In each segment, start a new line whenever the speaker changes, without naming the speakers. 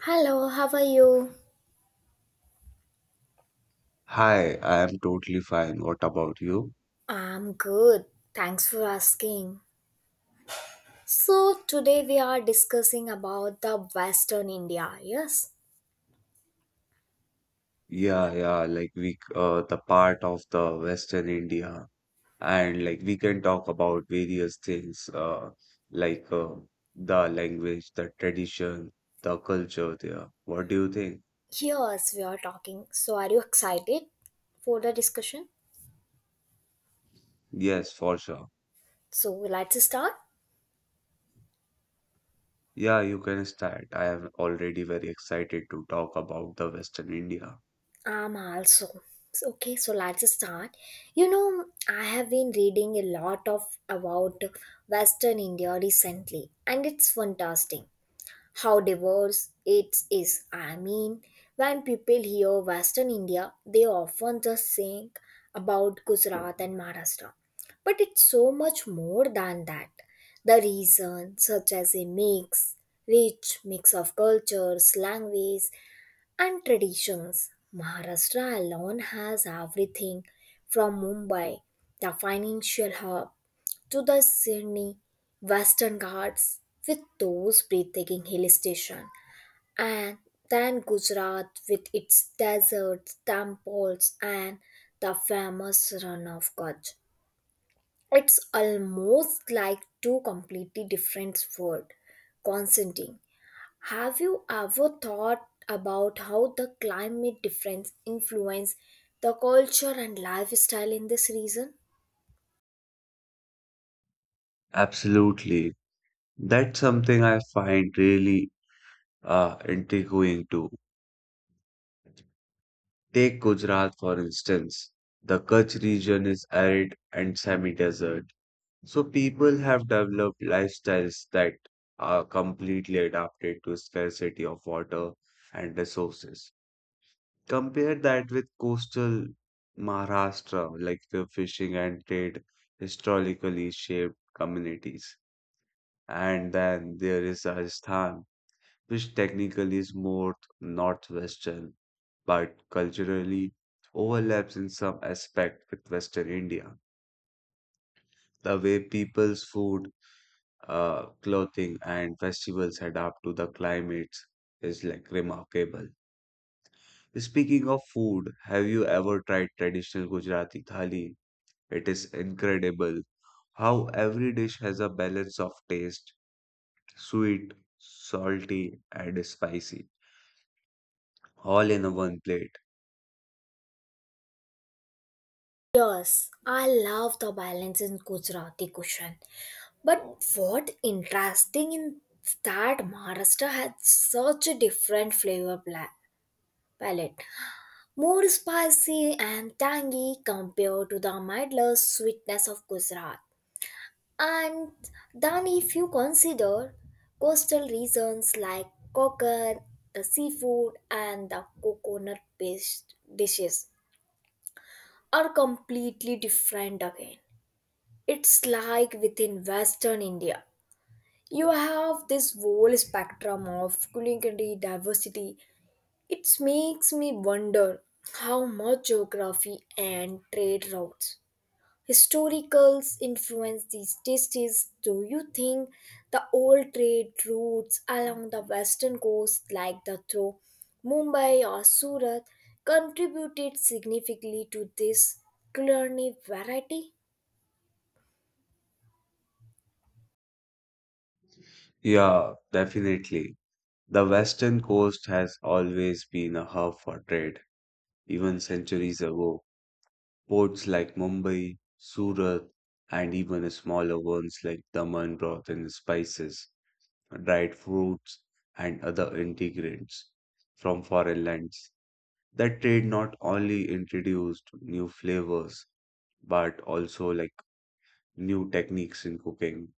Hello, how are you?
Hi, I am totally fine. What about you?
I'm good. Thanks for asking. So, today we are discussing about the Western India. Yes?
Yeah, yeah, like we the part of the Western India, and like we can talk about various things, like the language, the tradition, the culture there. What do you think?
Yes, we are talking. So, are you excited for the discussion?
Yes, for sure.
So, let's start.
Yeah, you can start. I am already very excited to talk about the Western India.
I'm also. So, okay, so let's start. You know, I have been reading a lot of about Western India recently and it's fantastic. How diverse it is. I mean, when people hear Western India, they often just think about Gujarat and Maharashtra. But it's so much more than that. The reason, such as a mix, rich mix of cultures, languages, and traditions. Maharashtra alone has everything from Mumbai, the financial hub, to the Sydney Western Ghats with those breathtaking hill stations, and then Gujarat with its deserts, temples, and the famous run of Kutch. It's almost like two completely different worlds consenting. Have you ever thought about how the climate difference influence the culture and lifestyle in this region?
Absolutely. That's something I find really intriguing too. Take Gujarat for instance. The Kutch region is arid and semi-desert, so people have developed lifestyles that are completely adapted to scarcity of water and resources. Compare that with coastal Maharashtra, like the fishing and trade historically shaped communities. And then there is Rajasthan, which technically is more northwestern but culturally overlaps in some aspect with Western India. The way people's food, clothing, and festivals adapt to the climates is like remarkable. Speaking of food, have you ever tried traditional Gujarati thali? It is incredible how every dish has a balance of taste, sweet, salty, and spicy, all in a one plate.
Yes, I love the balance in Gujarati cuisine. But what interesting in that Maharashtra had such a different palette. More spicy and tangy compared to the mindless sweetness of Gujarat. And then if you consider coastal regions like coconut, the seafood and the coconut based dishes are completely different again. It's like within Western India, you have this whole spectrum of culinary diversity. It makes me wonder how much geography and trade routes, historicals influence these tastes. Do you think the old trade routes along the western coast, like the through Mumbai or Surat, contributed significantly to this culinary variety?
Yeah, definitely. The western coast has always been a hub for trade, even centuries ago. Ports like Mumbai, Surat, and even smaller ones like Daman brought in spices, dried fruits, and other ingredients from foreign lands. That trade not only introduced new flavors, but also like new techniques in cooking.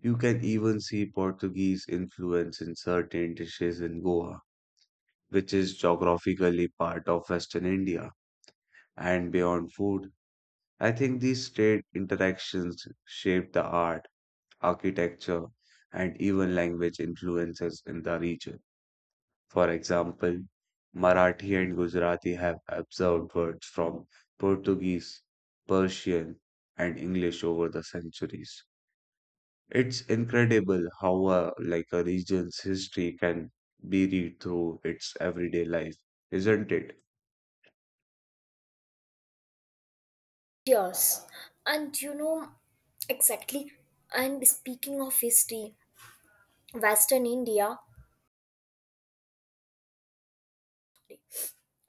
You can even see Portuguese influence in certain dishes in Goa which is geographically part of Western India. And beyond food, I think these trade interactions shape the art, architecture, and even language influences in the region. For example, Marathi and Gujarati have absorbed words from Portuguese, Persian, and English over the centuries. It's incredible how like a region's history can be read through its everyday life, isn't it?
Yes, and you know exactly. And speaking of history, Western India,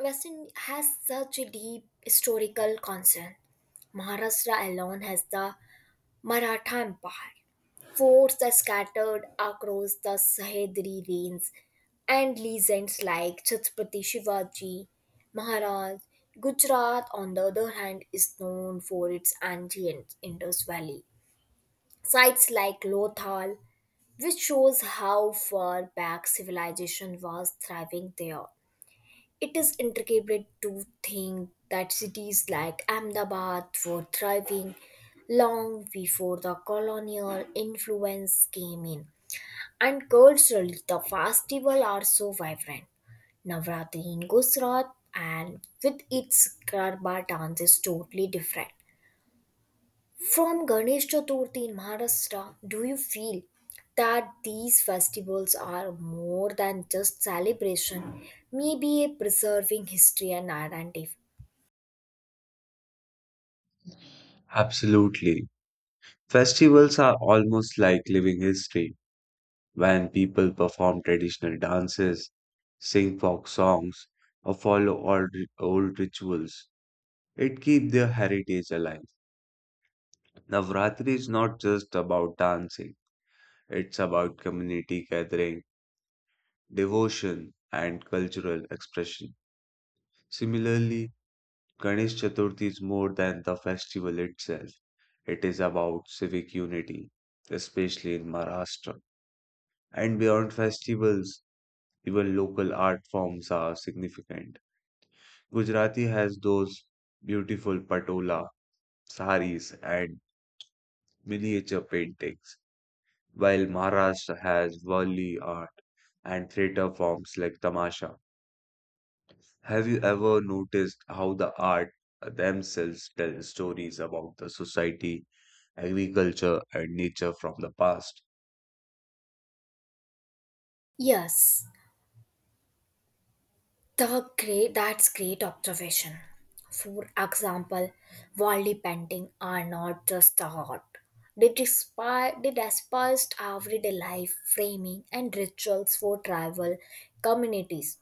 Western has such a deep historical concern. Maharashtra alone has the Maratha Empire, forts are scattered across the Sahyadri range, and legends like Chhatrapati Shivaji Maharaj. Gujarat, on the other hand, is known for its ancient Indus Valley. Sites like Lothal which shows how far back civilization was thriving there. It is intricate to think that cities like Ahmedabad were thriving long before the colonial influence came in. And culturally, the festivals are so vibrant. Navratri in Gujarat and with its Garba dance is totally different. From Ganesh Chaturthi in Maharashtra, do you feel that these festivals are more than just celebration, maybe a preserving history and identity?
Absolutely. Festivals are almost like living history when people perform traditional dances, sing folk songs, or follow old rituals. It keeps their heritage alive. Navratri is not just about dancing, it's about community gathering, devotion, and cultural expression. Similarly, Ganesh Chaturthi is more than the festival itself, it is about civic unity, especially in Maharashtra. And beyond festivals, even local art forms are significant. Gujarati has those beautiful patola, saris, and miniature paintings, while Maharashtra has Wali art and theatre forms like Tamasha. Have you ever noticed how the art themselves tell stories about the society, agriculture, and nature from the past?
Yes, the great that's great observation. For example, wall painting are not just a art. They despised everyday life framing and rituals for tribal communities.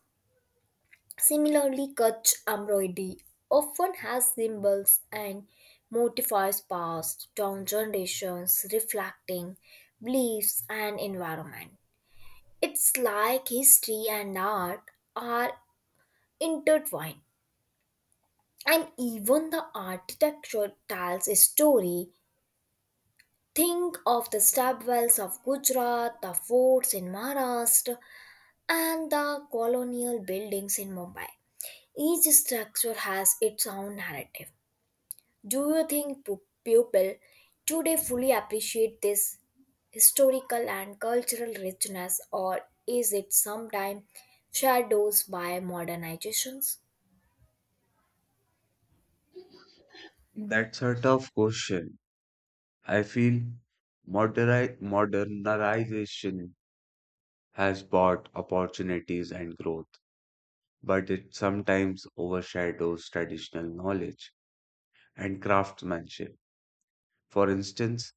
Similarly, Kutch embroidery often has symbols and motifs passed down generations reflecting beliefs and environment. It's like history and art are intertwined, and even the architecture tells a story. Think of the stepwells of Gujarat, the forts in Maharashtra, and the colonial buildings in Mumbai. Each structure has its own narrative. Do you think people today fully appreciate this historical and cultural richness, or is it sometimes shadows by modernizations?
That's a tough question. I feel modernization has brought opportunities and growth, but it sometimes overshadows traditional knowledge and craftsmanship. For instance,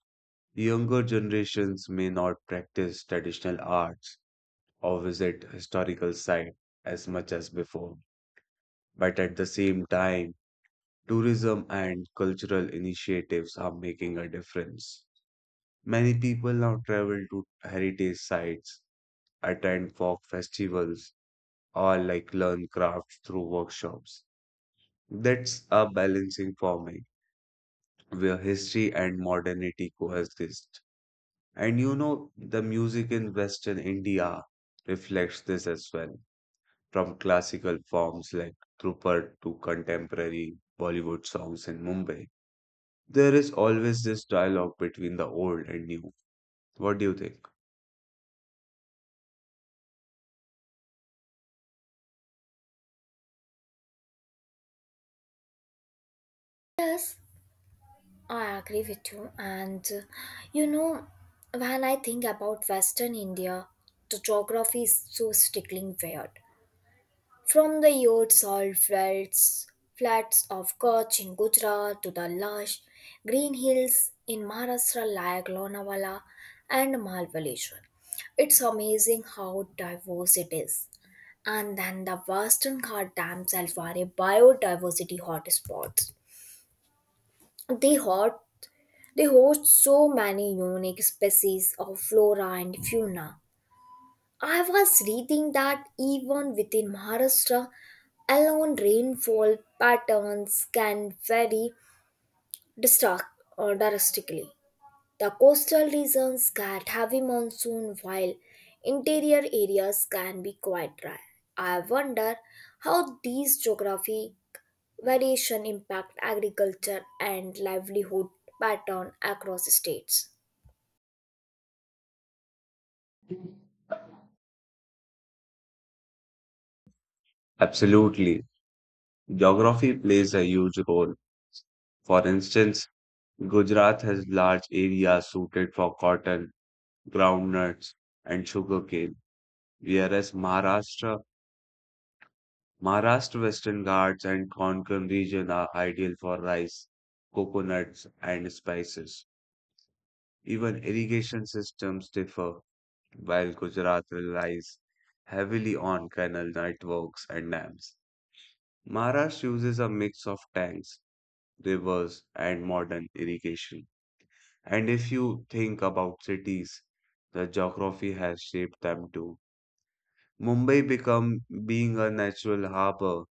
younger generations may not practice traditional arts or visit historical sites as much as before, but at the same time, tourism and cultural initiatives are making a difference. Many people now travel to heritage sites, attend folk festivals, or like learn crafts through workshops. That's a balancing for me, where history and modernity coexist. And you know, the music in Western India reflects this as well, from classical forms like Drupad to contemporary Bollywood songs in Mumbai. There is always this dialogue between the old and new. What do you think?
Yes, I agree with you. And you know, when I think about Western India, the geography is so stickling weird. From the yachts salt flats, flats of Kutch in Gujarat to the lush green hills in Maharashtra like Lonavala and Malvaleshwar, it's amazing how diverse it is. And then the western Ghats themselves are a biodiversity hotspots. They hot they host so many unique species of flora and fauna. I was reading that even within Maharashtra, alone rainfall patterns can vary drastic- drastically. The coastal regions get heavy monsoon while interior areas can be quite dry. I wonder how these geography variation impact agriculture and livelihood pattern across states.
Absolutely. Geography plays a huge role. For instance, Gujarat has large areas suited for cotton, groundnuts, and sugarcane, whereas Maharashtra, Western Ghats and Konkan region are ideal for rice, coconuts, and spices. Even irrigation systems differ, while Gujarat relies heavily on canal networks and dams. Maharashtra uses a mix of tanks, rivers, and modern irrigation. And if you think about cities, the geography has shaped them too. Mumbai become Being a natural harbor,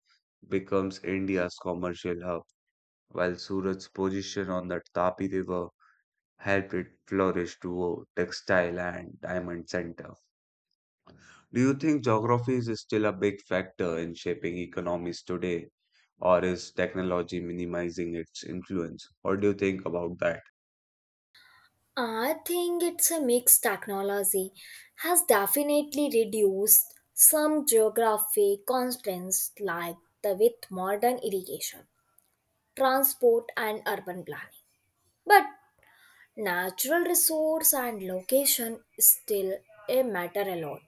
becomes India's commercial hub, while Surat's position on the Tapi River helped it flourish to a textile and diamond center. Do you think geography is still a big factor in shaping economies today, or is technology minimizing its influence? What do you think about that?
I think it's a mixed technology has definitely reduced some geographic constraints like the with modern irrigation, transport and urban planning. But natural resource and location is still a matter a lot.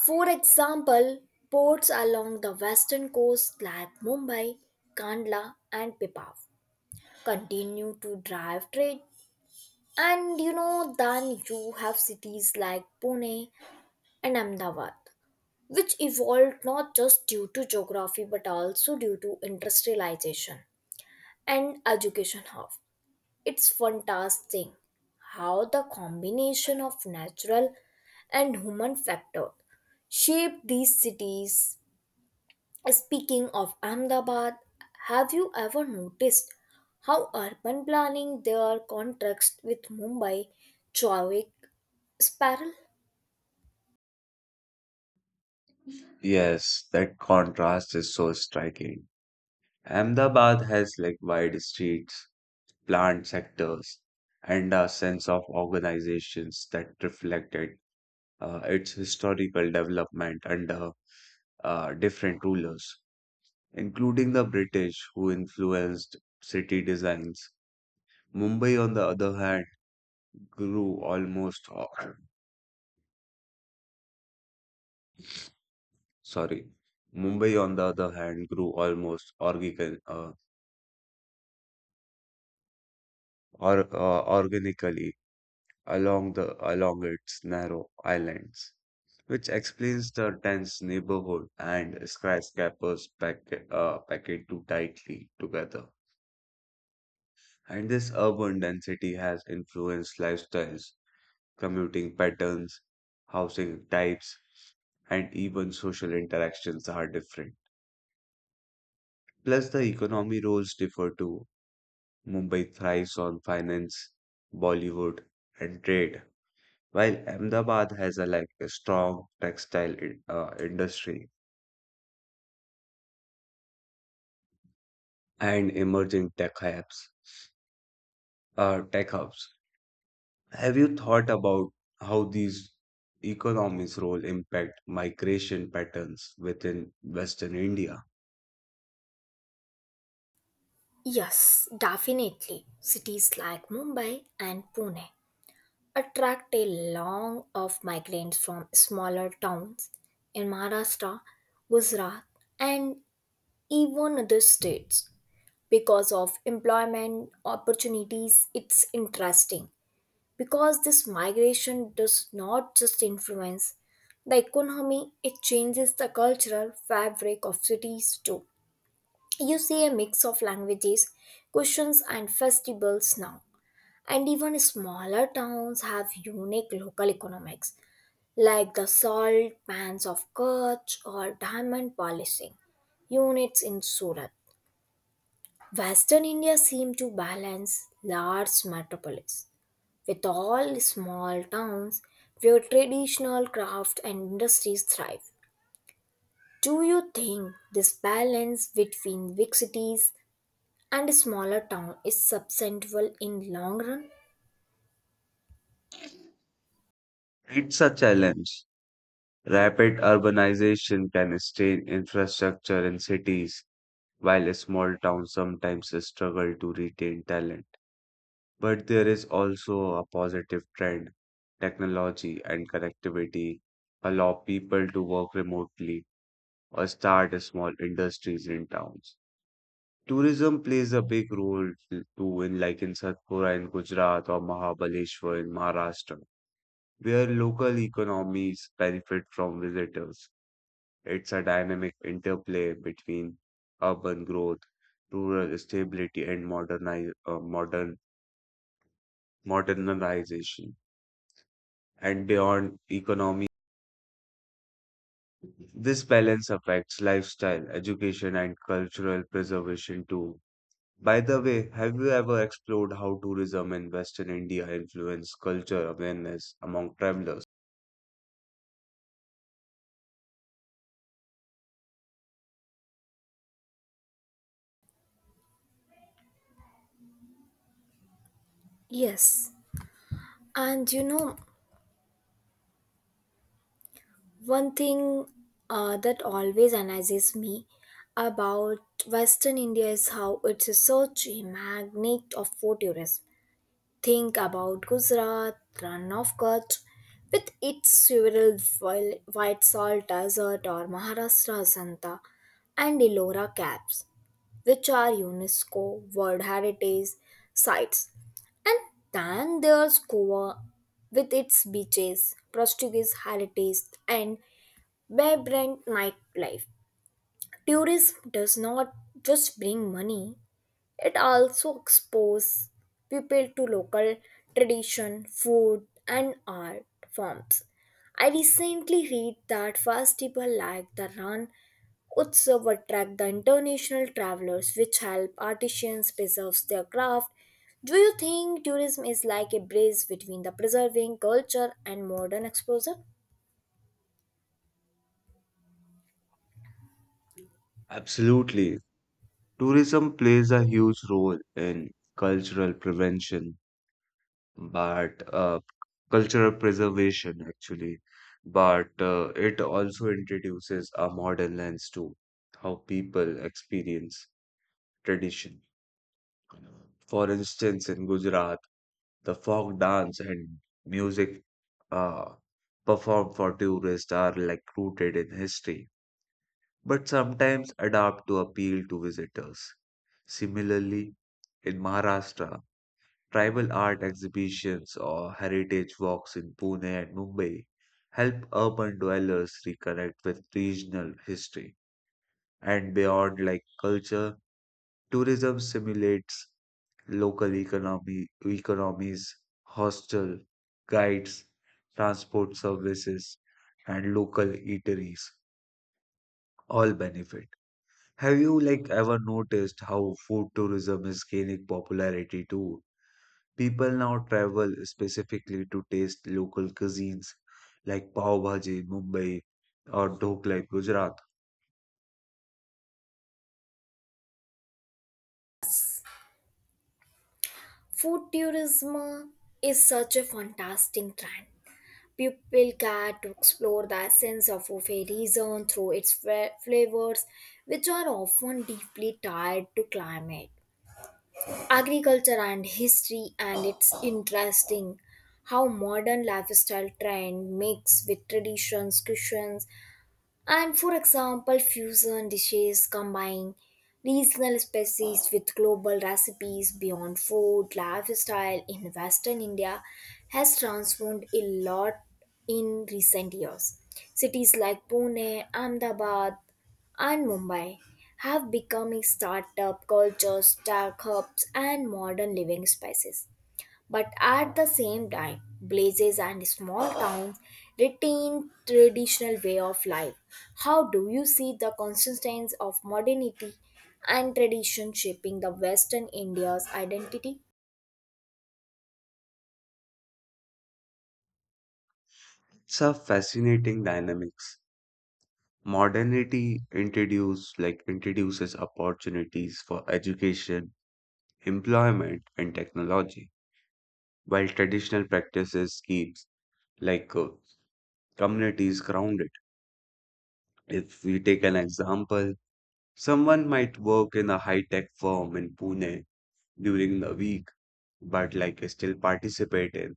For example, ports along the western coast like Mumbai, Kandla and Pipav continue to drive trade. And you know, then you have cities like Pune and Ahmedabad, which evolved not just due to geography but also due to industrialization and education hub. It's fantastic how the combination of natural and human factor shaped these cities. Speaking of Ahmedabad, have you ever noticed how urban planning their contrast with Mumbai, Chowick, Spiral?
Yes, that contrast is so striking. Ahmedabad has like wide streets, planned sectors, and a sense of organizations that reflected its historical development under different rulers, including the British who influenced city designs. Mumbai, on the other hand, grew almost sorry. Mumbai, on the other hand, grew almost organically along its narrow islands, which explains the dense neighborhood and skyscrapers packed too tightly together. And this urban density has influenced lifestyles, commuting patterns, housing types, and even social interactions are different. Plus, the economy roles differ too. Mumbai thrives on finance, Bollywood, and trade, while Ahmedabad has a like a strong industry and emerging tech hubs. Have you thought about how these economies' role impact migration patterns within Western India?
Yes, definitely. Cities like Mumbai and Pune attract a long of migrants from smaller towns in Maharashtra, Gujarat, and even other states because of employment opportunities. It's interesting because this migration does not just influence the economy, it changes the cultural fabric of cities too. You see a mix of languages, cuisines, and festivals now. And even smaller towns have unique local economics, like the salt pans of Kutch or diamond polishing units in Surat. Western India seems to balance large metropolis with all small towns where traditional craft and industries thrive. Do you think this balance between big cities and smaller town is sustainable in long run?
It's a challenge. Rapid urbanization can strain infrastructure in cities, while small towns sometimes struggle to retain talent. But there is also a positive trend. Technology and connectivity allow people to work remotely or start small industries in towns. Tourism plays a big role too, in like in Satpura in Gujarat or Mahabaleshwar in Maharashtra, where local economies benefit from visitors. It's a dynamic interplay between urban growth, rural stability, and modernize, modern modernization. And beyond economy, this balance affects lifestyle, education, and cultural preservation too. By the way, have you ever explored how tourism in Western India influences culture awareness among travelers?
Yes, and you know one thing that always amazes me about Western India is how it's such a magnet of for tourism. Think about Gujarat, run of Kutch, with its several white salt desert or Maharashtra Santa and Elora caps, which are UNESCO World Heritage Sites. And then there's Goa with its beaches, Portuguese heritage, and vibrant nightlife. Tourism does not just bring money, it also exposes people to local tradition, food, and art forms. I recently read that festivals like the Ran Utsav attract the international travelers, which help artisans preserve their craft. Do you think tourism is like a bridge between the preserving culture and modern exposure?
Absolutely. Tourism plays a huge role in cultural prevention, but cultural preservation actually, but it also introduces a modern lens to how people experience tradition. For instance, in Gujarat, the folk dance and music uh, performed for tourists are like rooted in history, but sometimes adapt to appeal to visitors. Similarly, in Maharashtra, tribal art exhibitions or heritage walks in Pune and Mumbai help urban dwellers reconnect with regional history. And beyond like culture, tourism simulates local economy economies, hostel, guides, transport services, and local eateries all benefit. Have you like ever noticed how food tourism is gaining popularity too? People now travel specifically to taste local cuisines like pav bhaji in Mumbai or dhokla in Gujarat.
Food tourism is such a fantastic trend. People get to explore the essence of a fairy zone through its flavors, which are often deeply tied to climate, agriculture, and history. And it's interesting how modern lifestyle trend mix with traditions, cuisines, and for example, fusion dishes combine regional species with global recipes beyond food. Lifestyle in Western India has transformed a lot in recent years. Cities like Pune, Ahmedabad, and Mumbai have become a startup culture, tech hubs, and modern living spaces. But at the same time, blazes and small towns retain traditional way of life. How do you see the consistency of modernity and tradition shaping the Western India's identity?
It's a fascinating dynamics. Modernity introduce like introduces opportunities for education, employment, and technology, while traditional practices keeps like communities grounded. If we take an example, someone might work in a high-tech firm in Pune during the week, but like still participate in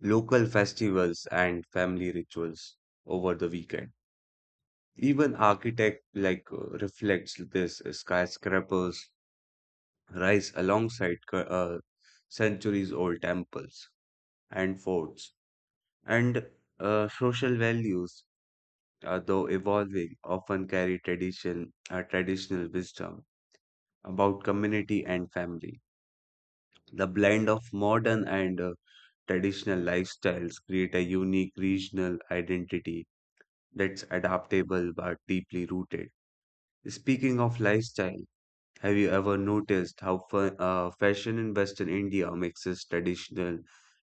local festivals and family rituals over the weekend. Even architect like reflects this. Skyscrapers rise alongside centuries old temples and forts. And social values, though evolving, often carry traditional wisdom about community and family. The blend of modern and traditional lifestyles create a unique regional identity that's adaptable but deeply rooted. Speaking of lifestyle, have you ever noticed how fashion in Western India mixes traditional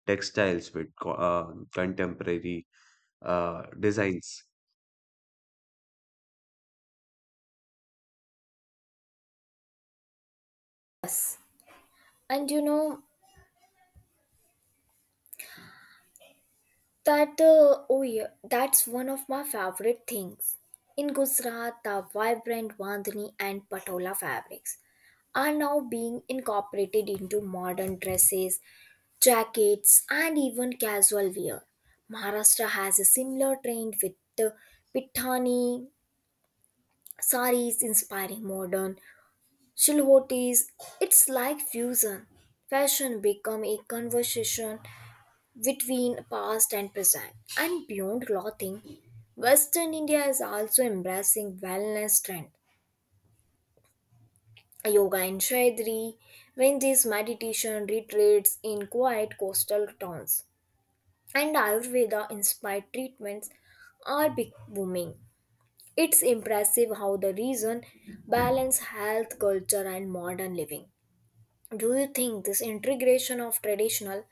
textiles with contemporary designs?
And you know, That oh yeah, that's one of my favorite things. In Gujarat, the vibrant Bandhani and Patola fabrics are now being incorporated into modern dresses, jackets, and even casual wear. Maharashtra has a similar trend with the Pithani saris inspiring modern shilhotis. It's like fusion. Fashion become a conversation between past and present. And beyond clothing, Western India is also embracing wellness trend. Yoga in Shaidri, Vendi's meditation retreats in quiet coastal towns, and Ayurveda inspired treatments are big booming. It's impressive how the region balance health, culture, and modern living. Do you think this integration of traditional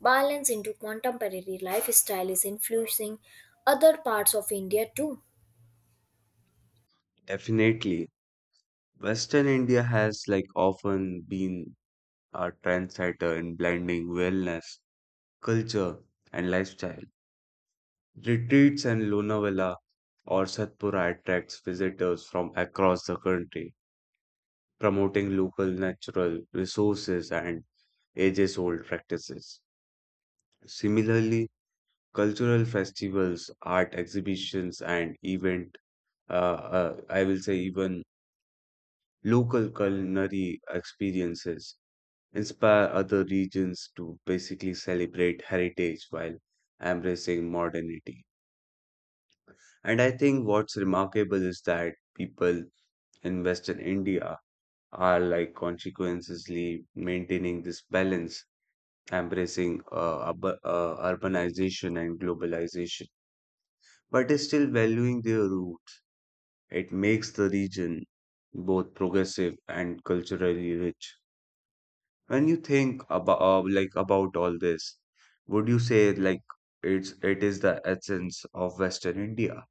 balance into contemporary lifestyle is influencing other parts of India too?
Definitely. Western India has like often been a trendsetter in blending wellness, culture, and lifestyle. Retreats in Lonavala or Satpura attracts visitors from across the country, promoting local natural resources and ages-old practices. Similarly, cultural festivals, art exhibitions, and event, I will say even local culinary experiences inspire other regions to basically celebrate heritage while embracing modernity. And I think what's remarkable is that people in Western India are like consequently maintaining this balance, embracing urbanization and globalization, but is still valuing their roots. It makes the region both progressive and culturally rich. When you think about like about all this, would you say like it is the essence of Western India?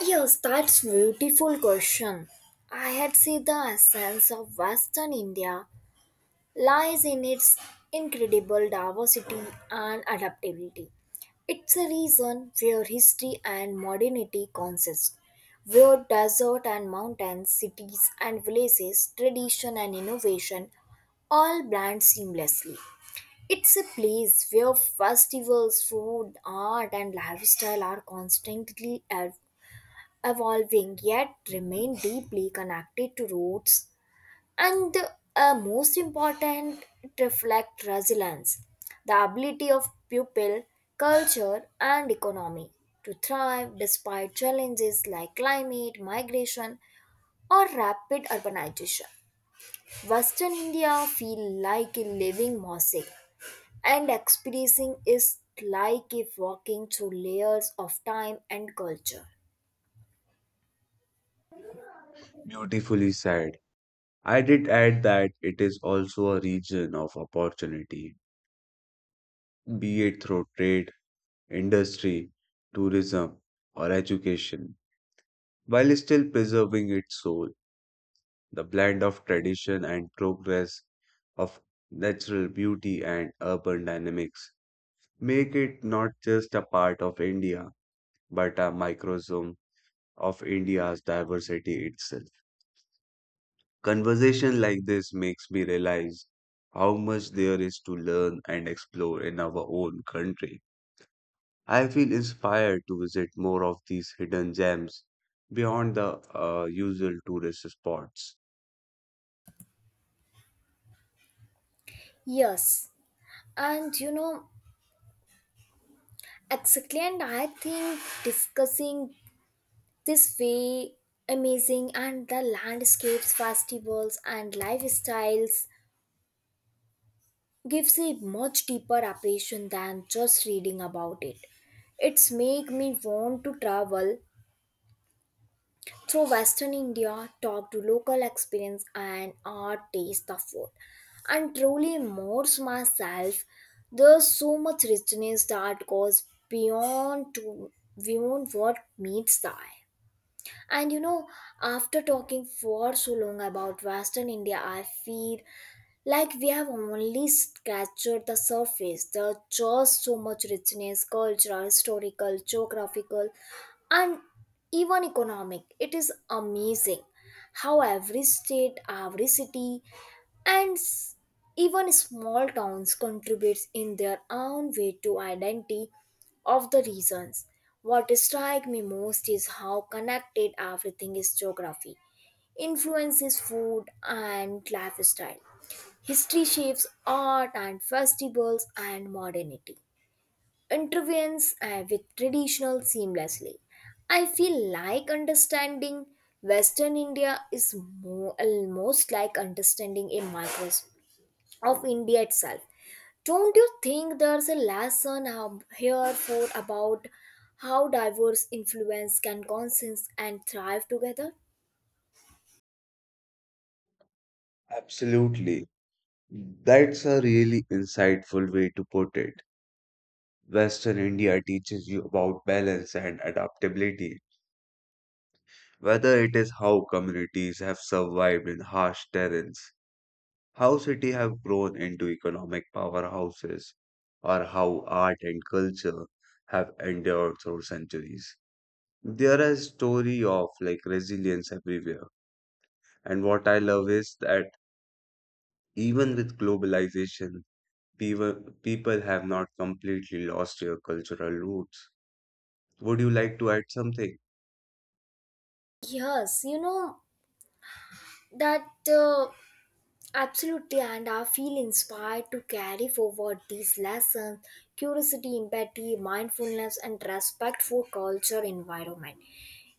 Yes, that's beautiful question. I had seen the essence of Western India lies in its incredible diversity and adaptability. It's a region where history and modernity consist, where desert and mountains, cities and villages, tradition and innovation all blend seamlessly. It's a place where festivals, food, art, and lifestyle are constantly evolving yet remain deeply connected to roots. And the most important, it reflect resilience, the ability of people, culture and economy to thrive despite challenges like climate migration or rapid urbanization. Western India feel like a living mosaic, and experiencing is like if walking through layers of time and culture.
Beautifully said. I did add that it is also a region of opportunity, be it through trade, industry, tourism, or education, while still preserving its soul, the blend of tradition and progress of natural beauty and urban dynamics make it not just a part of India but a microsome of India's diversity itself. Conversation like this makes me realize how much there is to learn and explore in our own country. I feel inspired to visit more of these hidden gems beyond the usual tourist spots.
Yes, and you know, exactly, and I think discussing this way amazing and the landscapes festivals and lifestyles gives a much deeper appreciation than just reading about it. It's make me want to travel through Western India, talk to local experience and art, taste the food and truly immerse myself. There's so much richness that goes beyond to beyond what meets the eye. And you know, after talking for so long about Western India, I feel like we have only scratched the surface. There's just so much richness, cultural, historical, geographical, and even economic. It is amazing how every state, every city, and even small towns contributes in their own way to identity of the regions. What strikes me most is how connected everything is. Geography influences food and lifestyle. History shapes art and festivals and modernity. Intervenes with traditional seamlessly. I feel like understanding Western India is more, almost like understanding a microscope of India itself. Don't you think there's a lesson here for about how diverse influence can coexist and thrive together?
Absolutely. That's a really insightful way to put it. Western India teaches you about balance and adaptability, whether it is how communities have survived in harsh terrains, how cities have grown into economic powerhouses, or how art and culture have endured through centuries. There is story of like resilience everywhere. And what I love is that even with globalization, people, people have not completely lost their cultural roots. Would you like to add something?
Yes, you know that. Uh, Absolutely, and I feel inspired to carry forward these lessons, curiosity, empathy, mindfulness, and respect for culture environment.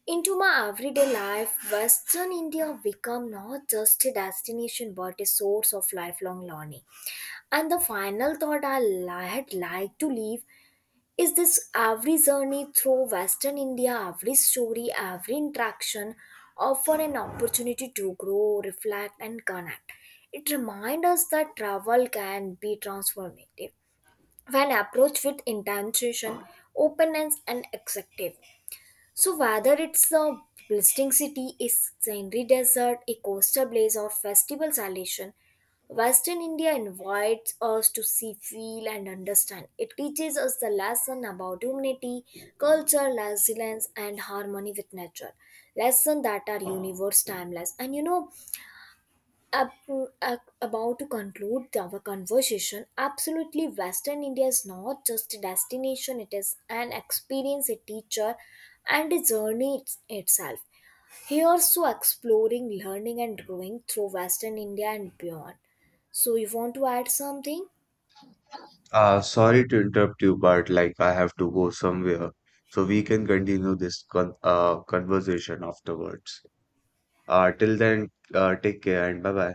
Into my everyday life, Western India become not just a destination but a source of lifelong learning. And the final thought I had like to leave is this: every journey through Western India, every story, every interaction offer an opportunity to grow, reflect and connect. It reminds us that travel can be transformative when approached with intention, openness and acceptance. So whether it's a blistering city, a sandy desert, a coastal blaze, or festival celebration, Western India invites us to see, feel, and understand. It teaches us the lesson about humanity, culture, resilience, and harmony with nature. Lessons that are universe timeless. And you know, up, about to conclude our conversation, absolutely, Western India is not just a destination, it is an experience, a teacher, and a journey itself. Here's so exploring, learning, and growing through Western India and beyond. So, you want to add something?
Sorry to interrupt you, but like I have to go somewhere, so we can continue this conversation afterwards. Till then, take care and bye bye.